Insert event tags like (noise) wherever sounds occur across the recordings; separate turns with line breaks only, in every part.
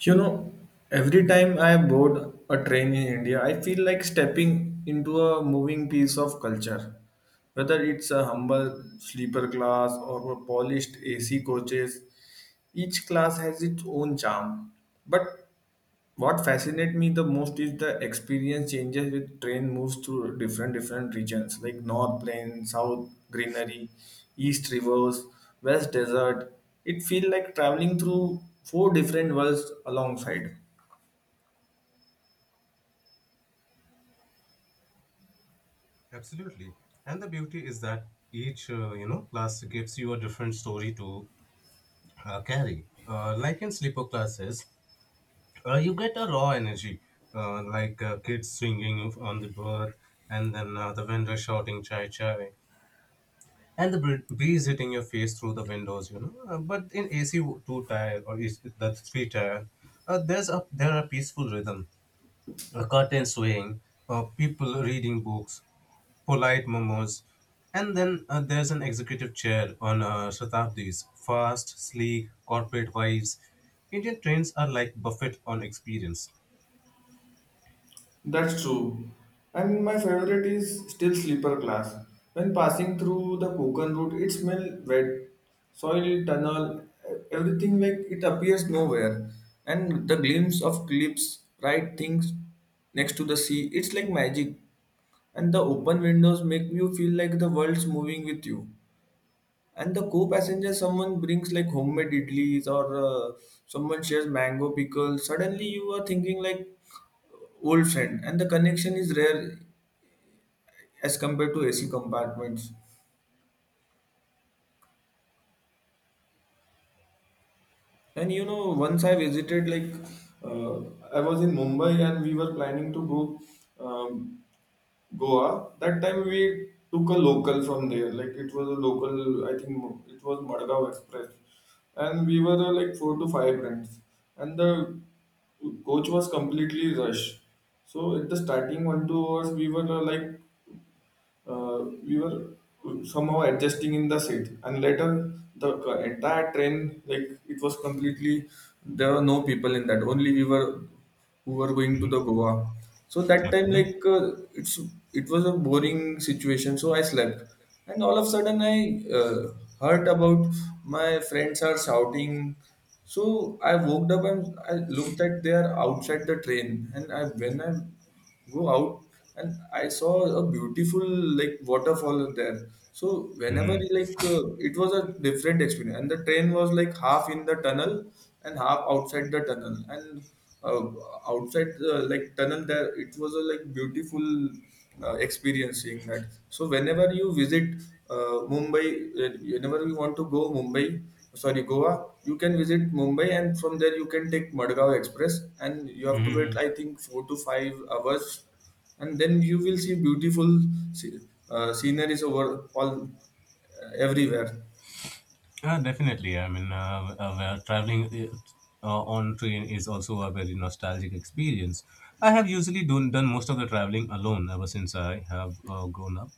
You know, every time I board a train in India, I feel like stepping into a moving piece of culture. Whether it's a humble sleeper class or a polished AC coaches, each class has its own charm. But what fascinates me the most is the experience changes with train moves through different regions like north plain, south greenery, east rivers, west desert. It feels like traveling through four different worlds alongside.
Absolutely. And the beauty is that each class gives you a different story to carry. Like in sleeper classes, you get a raw energy, like kids swinging on the berth, and then the vendor shouting chai chai, and the breeze hitting your face through the windows. But in AC2 tire or is the 3 tire, there are peaceful rhythm, a curtain swaying, people reading books, polite momos. And then there's an executive chair on Shatabdis, fast, sleek, corporate vibes. Indian trains are like buffet on experience.
That's true. And my favorite is still sleeper class. When passing through the Konkan route, it smells wet, soil, tunnel, everything like it appears nowhere. And the glimpse of cliffs, right things next to the sea, it's like magic. And the open windows make you feel like the world's moving with you, and the co-passenger someone brings like homemade idlis, or someone shares mango pickles. Suddenly you are thinking like old friend, and the connection is rare as compared to AC compartments. And you know, once I visited like uh, I was in Mumbai, and we were planning to go um, Goa. That time we took a local from there. Like it was a local, I think it was Madgaon Express, and we were like 4 to 5 friends, and the coach was completely rushed. So at the starting 1-2 hours, we were like we were somehow adjusting in the seat, and later the entire train, like it was completely, there were no people in that, only we were who were going to the Goa. So that time, like it's, it was a boring situation, so I slept. And all of a sudden I uh, heard about my friends are shouting, so I woke up and I looked at they are outside the train. And I, when I go out and I saw a beautiful like waterfall there. So whenever, like it was a different experience, and the train was like half in the tunnel and half outside the tunnel, and uh, outside the like tunnel there it was a like beautiful experiencing that. So whenever you visit Mumbai, whenever you want to go Mumbai, sorry Goa, you can visit Mumbai, and from there you can take Madgaon Express, and you have to wait
(laughs)
I think 4 to 5 hours, and then you will see beautiful sce- sceneries over all everywhere.
Definitely. I mean, well, traveling on train is also a very nostalgic experience. I have usually done most of the traveling alone ever since I have grown up.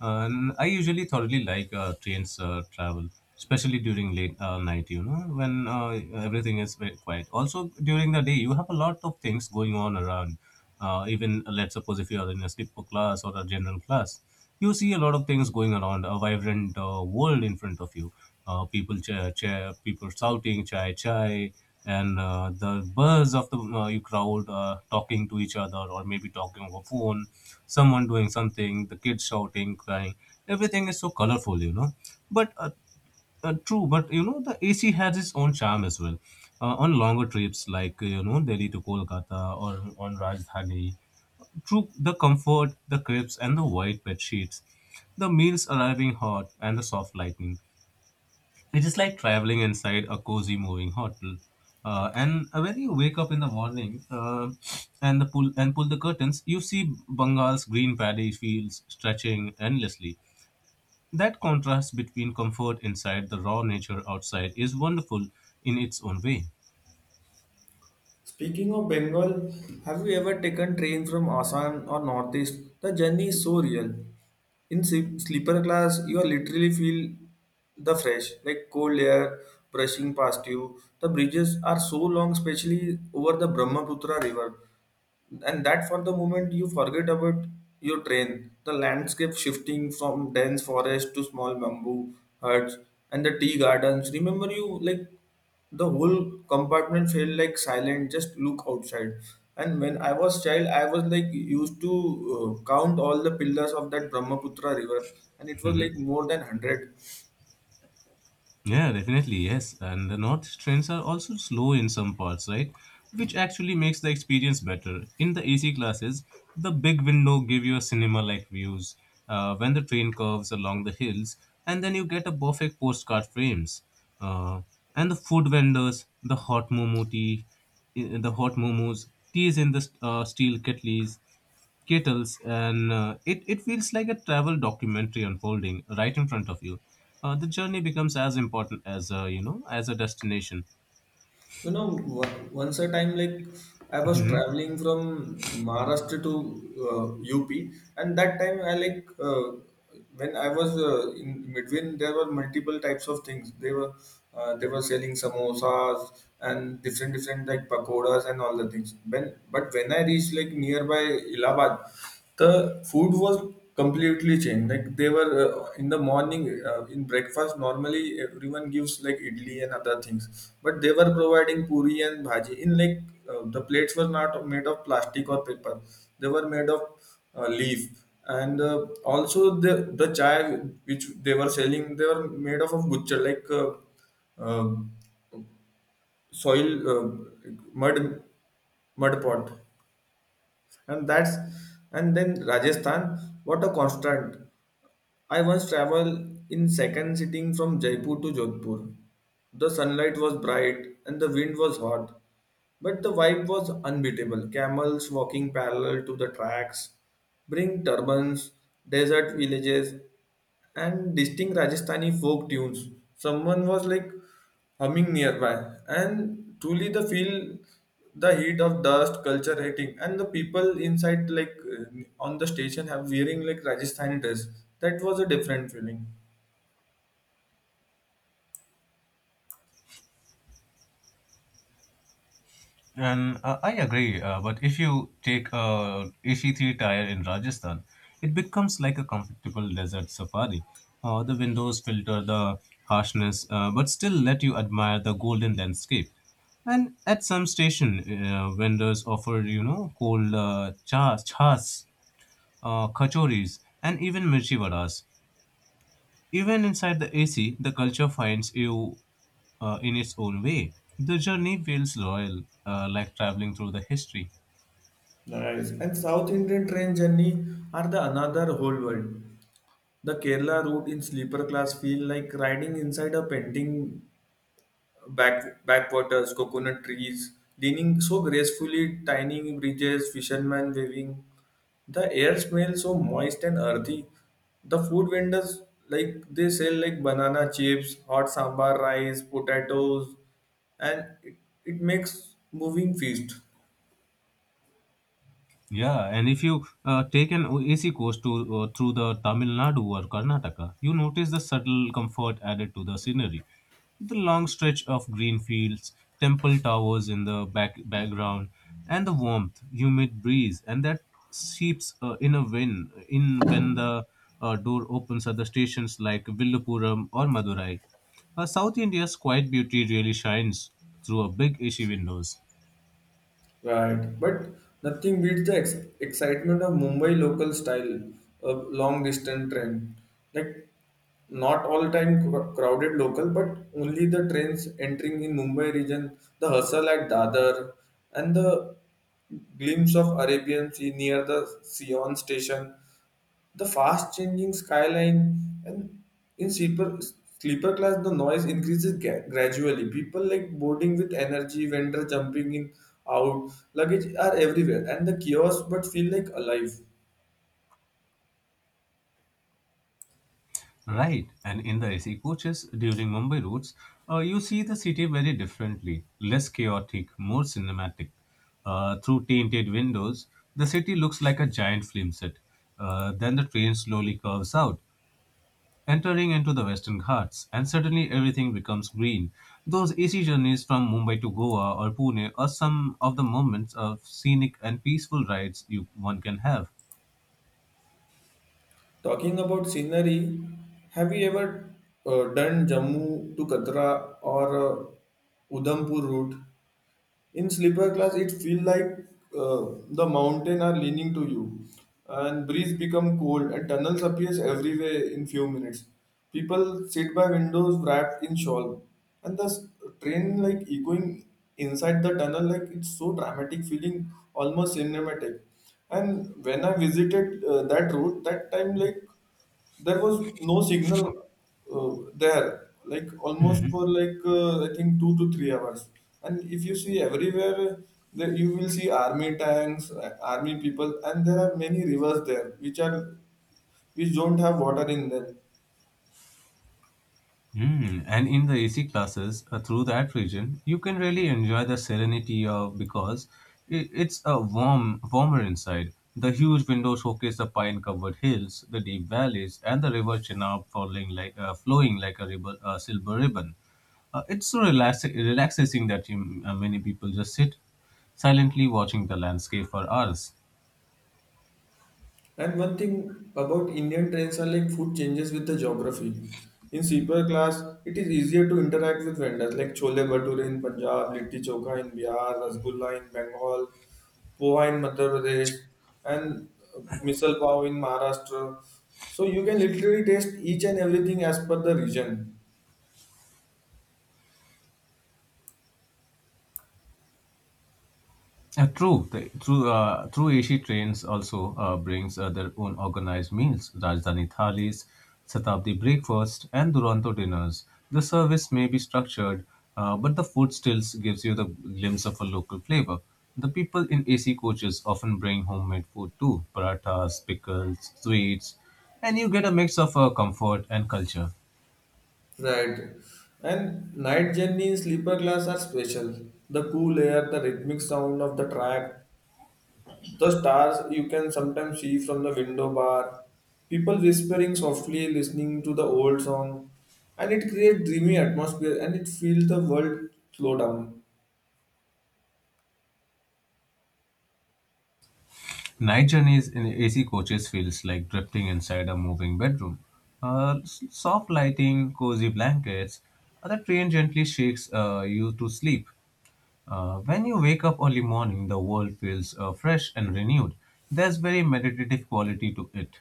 And I usually thoroughly like trains travel, especially during late night, when everything is very quiet. Also, during the day, you have a lot of things going on around. Even, let's suppose, if you are in a sleeper class or a general class, you see a lot of things going around, a vibrant world in front of you. People shouting chai chai, and the buzz of the you crowd talking to each other or maybe talking over phone. Someone doing something, the kids shouting, crying. Everything is so colorful. But, true but you know the AC has its own charm as well. On longer trips, like Delhi to Kolkata or on Rajdhani, through the comfort, the crepes, and the white bed sheets, the meals arriving hot, and the soft lighting. It is like traveling inside a cozy moving hotel. And when you wake up in the morning, and the pull and pull the curtains, you see Bengal's green paddy fields stretching endlessly. That contrast between comfort inside the raw nature outside is wonderful in its own way.
Speaking of Bengal, have you ever taken train from Assam or Northeast? The journey is so real. In sleeper class, you are literally feel the fresh, like cold air brushing past you. The bridges are so long, especially over the Brahmaputra river, and that for the moment you forget about your train. The landscape shifting from dense forest to small bamboo huts and the tea gardens. Remember you like the whole compartment felt like silent, just look outside. And when I was child, I was like used to count all the pillars of that Brahmaputra river, and it was like
(laughs)
more than 100.
Yeah, definitely, yes. And the north trains are also slow in some parts, right? Which actually makes the experience better. In the AC classes, the big window give you a cinema-like views when the train curves along the hills, and then you get a perfect postcard frames. Uh, and the food vendors, the hot momo tea, the hot momos, teas in the steel kettles, and it feels like a travel documentary unfolding right in front of you. The journey becomes as important as as a destination.
You know, once a time, like I was
Mhm.
traveling from Maharashtra to uh, UP, and that time I like when I was in between, there were multiple types of things. They were selling samosas and different like pakoras and all the things. When but when I reached like nearby Allahabad, the food was completely changed. Like they were in the morning, in breakfast normally everyone gives like idli and other things, but they were providing puri and bhaji in like, the plates were not made of plastic or paper, they were made of leaf. And also the chai which they were selling, they were made of guchcha, like uh, soil, mud, mud pot, and that's. And then Rajasthan, what a constant. I once traveled in second sitting from Jaipur to Jodhpur. The sunlight was bright and the wind was hot, but the vibe was unbeatable. Camels walking parallel to the tracks, bring turbans, desert villages, and distinct Rajasthani folk tunes. Someone was like humming nearby, and truly the feel the heat of dust, culture hitting, and the people inside, like on the station have wearing like Rajasthani dress. That was a different feeling.
And I agree. But if you take a AC3 tire in Rajasthan, it becomes like a comfortable desert safari. The windows filter the harshness, but still let you admire the golden landscape. And at some station, vendors offer cold chas kachoris, and even mirchi vadas. Even inside the AC, the culture finds you in its own way. The journey feels royal, like traveling through the history.
Nice. And South Indian train journey are the another whole world. The Kerala route in sleeper class feel like riding inside a painting. Backwaters, coconut trees, leaning so gracefully, tiny bridges, fishermen waving. The air smells so moist and earthy. The food vendors, like they sell like banana chips, hot sambar rice, potatoes, and it makes moving feast.
Yeah, and if you take an AC course to through the Tamil Nadu or Karnataka, you notice the subtle comfort added to the scenery. The long stretch of green fields, temple towers in the background, and the warmth, humid breeze, and that seeps in a wind in when the door opens at the stations like Villupuram or Madurai. South India's quiet beauty really shines through a big AC windows.
Right, but nothing beats the excitement of Mumbai local style of long distance train. Like not all time crowded local, but only the trains entering in Mumbai region, the hustle at Dadar, and the glimpse of Arabian Sea near the Sion station, the fast changing skyline, and in sleeper class the noise increases gradually, people like boarding with energy, vendor jumping in out, luggage are everywhere, and the chaos but feel like alive.
Right, and in the AC coaches during Mumbai routes, you see the city very differently, less chaotic, more cinematic. Through tinted windows, the city looks like a giant film set. Then the train slowly curves out, entering into the Western Ghats, and suddenly everything becomes green. Those AC journeys from Mumbai to Goa or Pune are some of the moments of scenic and peaceful rides you one can have.
Talking about scenery, have you ever done Jammu to Katra or Udhampur route? In sleeper class it feel like, uh, the mountain are leaning to you, and breeze become cold, and tunnels appears everywhere in few minutes. People sit by windows wrapped in shawl, and the train like echoing inside the tunnel. Like it's so dramatic feeling, almost cinematic. And when I visited that route, that time like there was no signal, there like almost for like I think 2 to 3 hours. And if you see everywhere, there you will see army tanks, army people, and there are many rivers there which are, which don't have water in them.
Mm, and in the AC classes through that region, you can really enjoy the serenity of, because it's a warmer inside. The huge windows showcase the pine-covered hills, the deep valleys, and the river Chenab falling like flowing like a ribbon, silver ribbon. It's so relaxing that many people just sit silently watching the landscape for hours.
And one thing about Indian trains are like food changes with the geography. In sleeper class it is easier to interact with vendors, like chole bhature in Punjab, litti chokha in Bihar, rasgulla in Bengal, poha in Madhya Pradesh, and misal pav in Maharashtra. So you can literally taste each and everything as per the region,
True, AC trains also brings their own organized meals, Rajdhani thalis, Shatabdi breakfast, and Duronto dinners. The service may be structured, but the food still gives you the glimpse of a local flavor. The people in AC coaches often bring homemade food too, parathas, pickles, sweets, and you get a mix of comfort and culture.
right? And night journey in sleeper class are special. The cool air, the rhythmic sound of the track, the stars you can sometimes see from the window bar, people whispering softly, listening to the old song, and it creates dreamy atmosphere, and it feels the world slow down.
Night journeys in AC coaches feels like drifting inside a moving bedroom. Soft lighting, cozy blankets, the train gently shakes you to sleep. When you wake up early morning, the world feels fresh and renewed. There's very meditative quality to it.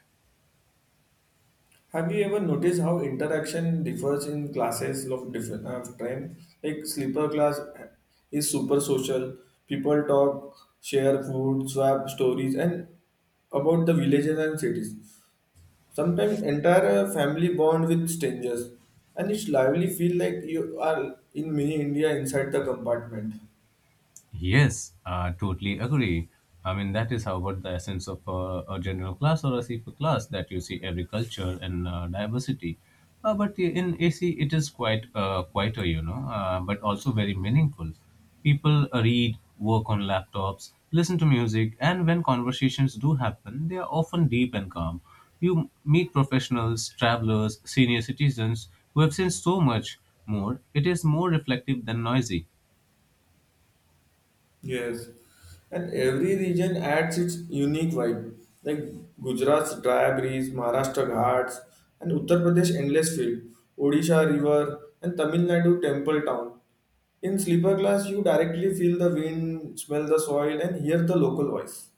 Have you ever noticed how interaction differs in classes of different train? Like sleeper class is super social. People talk, share food, swap stories, and about the villages and cities. Sometimes entire family bond with strangers, and it's lively feel like you are in mini India inside the compartment.
Yes, I totally agree. I mean, that is how about the essence of a general class or a CP class that you see every culture and diversity. But in AC, it is quite quieter, but also very meaningful. People read, work on laptops, listen to music, and when conversations do happen, they are often deep and calm. You meet professionals, travelers, senior citizens who have seen so much more. It is more reflective than noisy.
Yes, and every region adds its unique vibe. Like Gujarat's dry breeze, Maharashtra ghats, and Uttar Pradesh endless field, Odisha river, and Tamil Nadu temple town. In sleeper class, you directly feel the wind, smell the soil, and hear the local voice.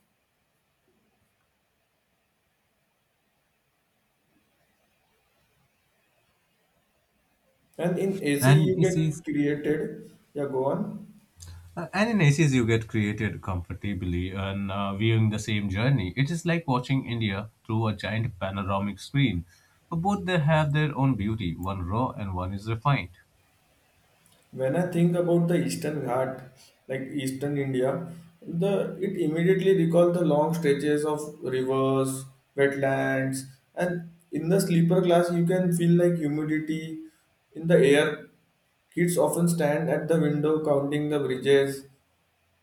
And in AC,
And
you
you see,
get created. Yeah, go on.
and in ACs, you get created comfortably and viewing the same journey. It is like watching India through a giant panoramic screen. But both they have their own beauty, one raw and one is refined.
When I think about the Eastern Ghat, like Eastern India, the it immediately recalls the long stretches of rivers, wetlands, and in the sleeper class you can feel like humidity in the air. Kids often stand at the window counting the bridges.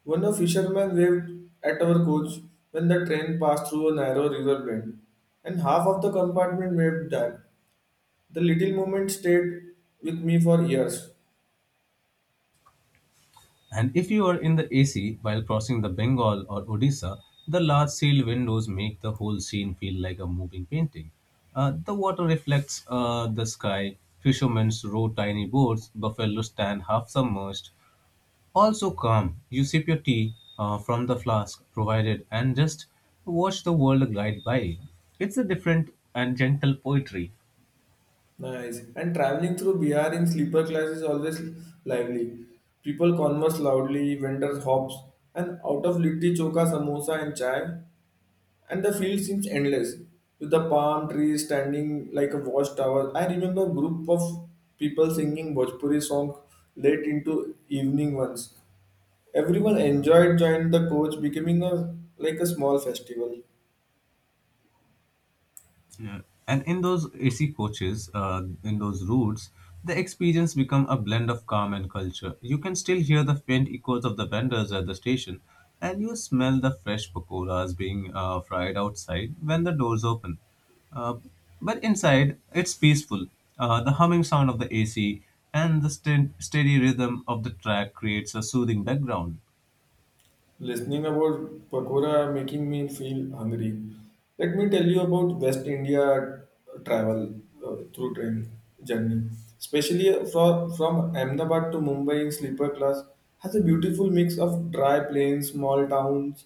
One of fishermen waved at our coach when the train passed through a narrow river bend, and half of the compartment waved back. The little moment stayed with me for years.
And if you are in the AC while crossing the Bengal or Odisha, the large sealed windows make the whole scene feel like a moving painting. The water reflects the sky, fishermen row tiny boats, buffalo stand half submerged. Also calm, you sip your tea from the flask provided and just watch the world glide by. It's a different and gentle poetry.
Nice. And traveling through Bihar in sleeper class is always lively. People converse loudly, vendors hops, and out of litti choka, samosa, and chai, and the field seems endless. With the palm trees standing like a watchtower, I remember a group of people singing Bhojpuri song late into evening once. Everyone enjoyed, joined the coach, becoming a like a small festival.
Yeah. And in those AC coaches, in those routes, the experience become a blend of calm and culture. You can still hear the faint echoes of the vendors at the station, and you smell the fresh pakoras being fried outside when the doors open. Uh, but inside, it's peaceful. The humming sound of the AC and the steady rhythm of the track creates a soothing background.
Listening about pakora making me feel hungry. Let me tell you about West India travel through train journey. Especially from Ahmedabad to Mumbai in sleeper class has a beautiful mix of dry plains, small towns,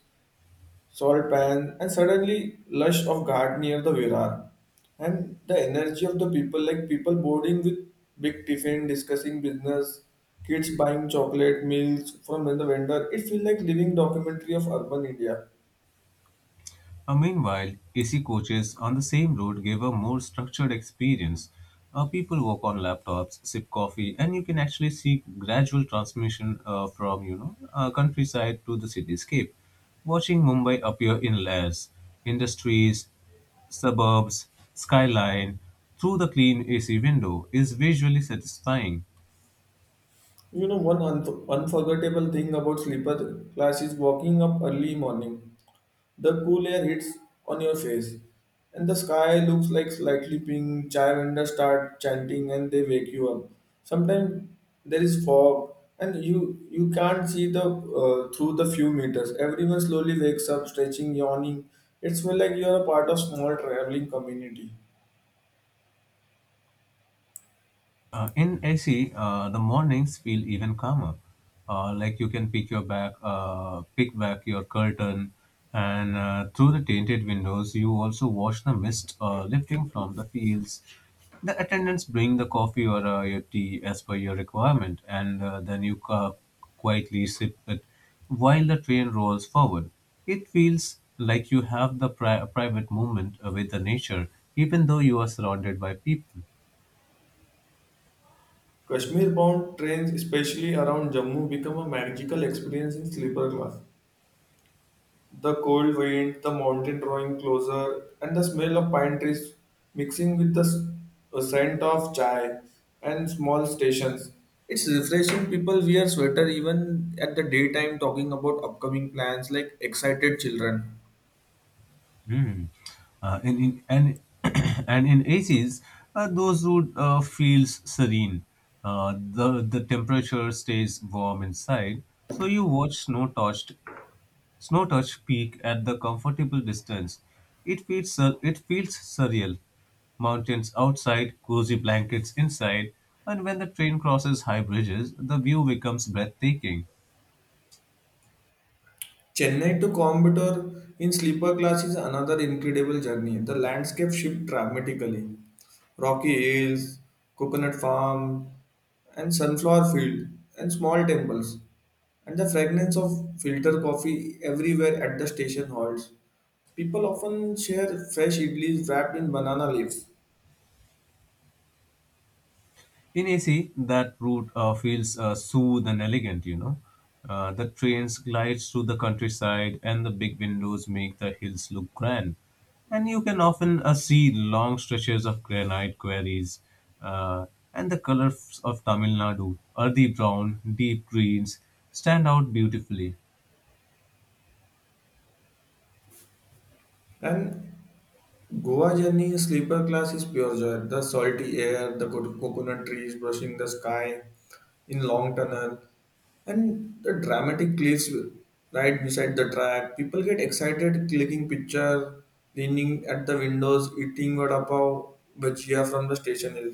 salt pan, and suddenly lush of garden near the Virar. And the energy of the people, like people boarding with big tiffin, discussing business, kids buying chocolate meals from the vendor. It feels like living documentary of urban India.
Meanwhile, AC coaches on the same road give a more structured experience. People work on laptops, sip coffee, and you can actually see gradual transmission from countryside to the cityscape. Watching Mumbai appear in layers, industries, suburbs, skyline through the clean AC window is visually satisfying.
You know, one unforgettable thing about sleeper class is walking up early morning. The cool air hits on your face, and the sky looks like slightly pink. Chai vendors start chanting, and they wake you up. Sometimes there is fog, and you can't see the through the few meters. Everyone slowly wakes up, stretching, yawning. It's feel like you are a part of small traveling community.
In AC, the mornings feel even calmer. Like you can pick back your curtain, and through the tinted windows, you also watch the mist lifting from the fields. The attendants bring the coffee or your tea as per your requirement, and then you quietly sip it while the train rolls forward. It feels like you have the private moment with the nature, even though you are surrounded by people.
Kashmir bound trains, especially around Jammu, become a magical experience in sleeper class. The cold wind, the mountain drawing closer, and the smell of pine trees mixing with the scent of chai and small stations. It's refreshing. People wear sweater even at the daytime, talking about upcoming plans like excited children.
Mm. Uh, in, in, and, (coughs) (clears throat) and in ACs, those wood feels serene. The temperature stays warm inside, so you watch snow-touched peak at the comfortable distance. It feels surreal. Mountains outside, cozy blankets inside, and when the train crosses high bridges, the view becomes breathtaking.
Chennai to Coimbatore in sleeper class is another incredible journey. The landscape shifts dramatically. Rocky hills, coconut farm, and sunflower field, and small temples, and the fragrance of filter coffee everywhere at the station halts. People often share fresh idlis wrapped in banana leaves,
In AC, that route feels smooth and elegant. The trains glide through the countryside, and the big windows make the hills look grand. And you can often see long stretches of granite quarries uh, and the colors of Tamil Nadu, earthy brown, deep greens, stand out beautifully.
and Goa journey in sleeper class is pure joy. The salty air, the coconut trees brushing the sky in long tunnel, and the dramatic cliffs right beside the track. People get excited clicking picture, leaning at the windows, eating vada pav bhajia from the station hill.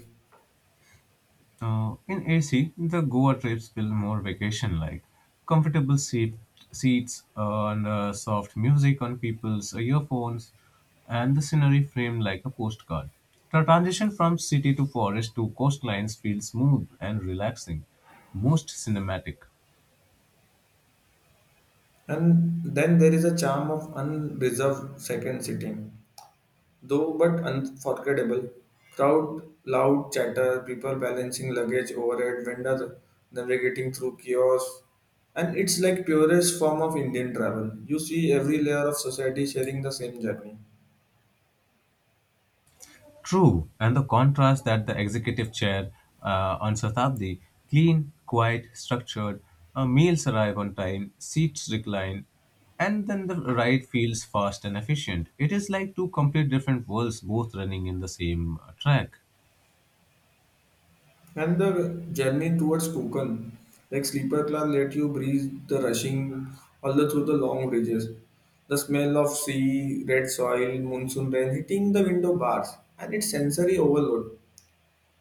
In AC, the Goa trips feel more vacation like. Comfortable seats, and soft music on people's earphones, and the scenery framed like a postcard. The transition from city to forest to coastlines feels smooth and relaxing, most cinematic.
And then there is a charm of unreserved second sitting. Though but unforgettable, crowd, loud chatter, people balancing luggage overhead, vendor navigating through kiosks, and it's like purest form of Indian travel. You see every layer of society sharing the same journey.
True, and the contrast that the executive chair on Shatabdi, clean, quiet, structured, meals arrive on time, seats recline, and then the ride feels fast and efficient. It is like two complete different worlds both running in the same track.
And the journey towards Konkan, like sleeper class, let you breathe the rushing all the through the long bridges. The smell of sea, red soil, monsoon rain hitting the window bars, and it's sensory overload.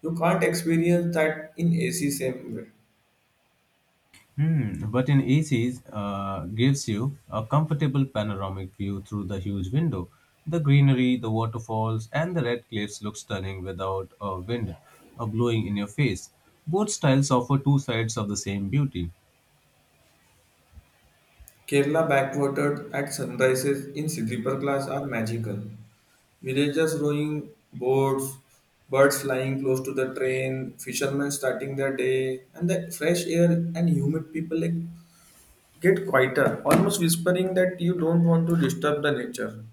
You can't experience that in AC same way.
Hmm, but in AC gives you a comfortable panoramic view through the huge window. The greenery, the waterfalls, and the red cliffs look stunning without a wind blowing in your face. Both styles offer two sides of the same beauty.
Kerala backwaters at sunrises in Sidriparglass are magical. Villagers rowing boats, birds flying close to the train, fishermen starting their day, and the fresh air and humid people like, get quieter, almost whispering that you don't want to disturb the nature.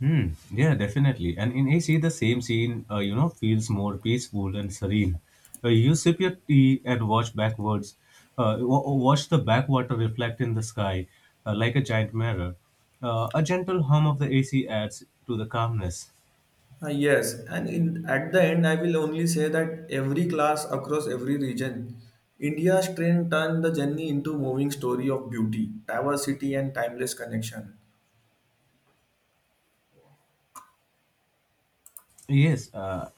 Hmm. Yeah, definitely. And in AC, the same scene, feels more peaceful and serene. You sip your tea and watch backwards, wa- wa- watch the backwater reflect in the sky like a giant mirror. A gentle hum of the AC adds to the calmness.
Yes, and in, at the end, I will only say that every class across every region, India's train turned the journey into moving story of beauty, diversity, and timeless connection.
Yes,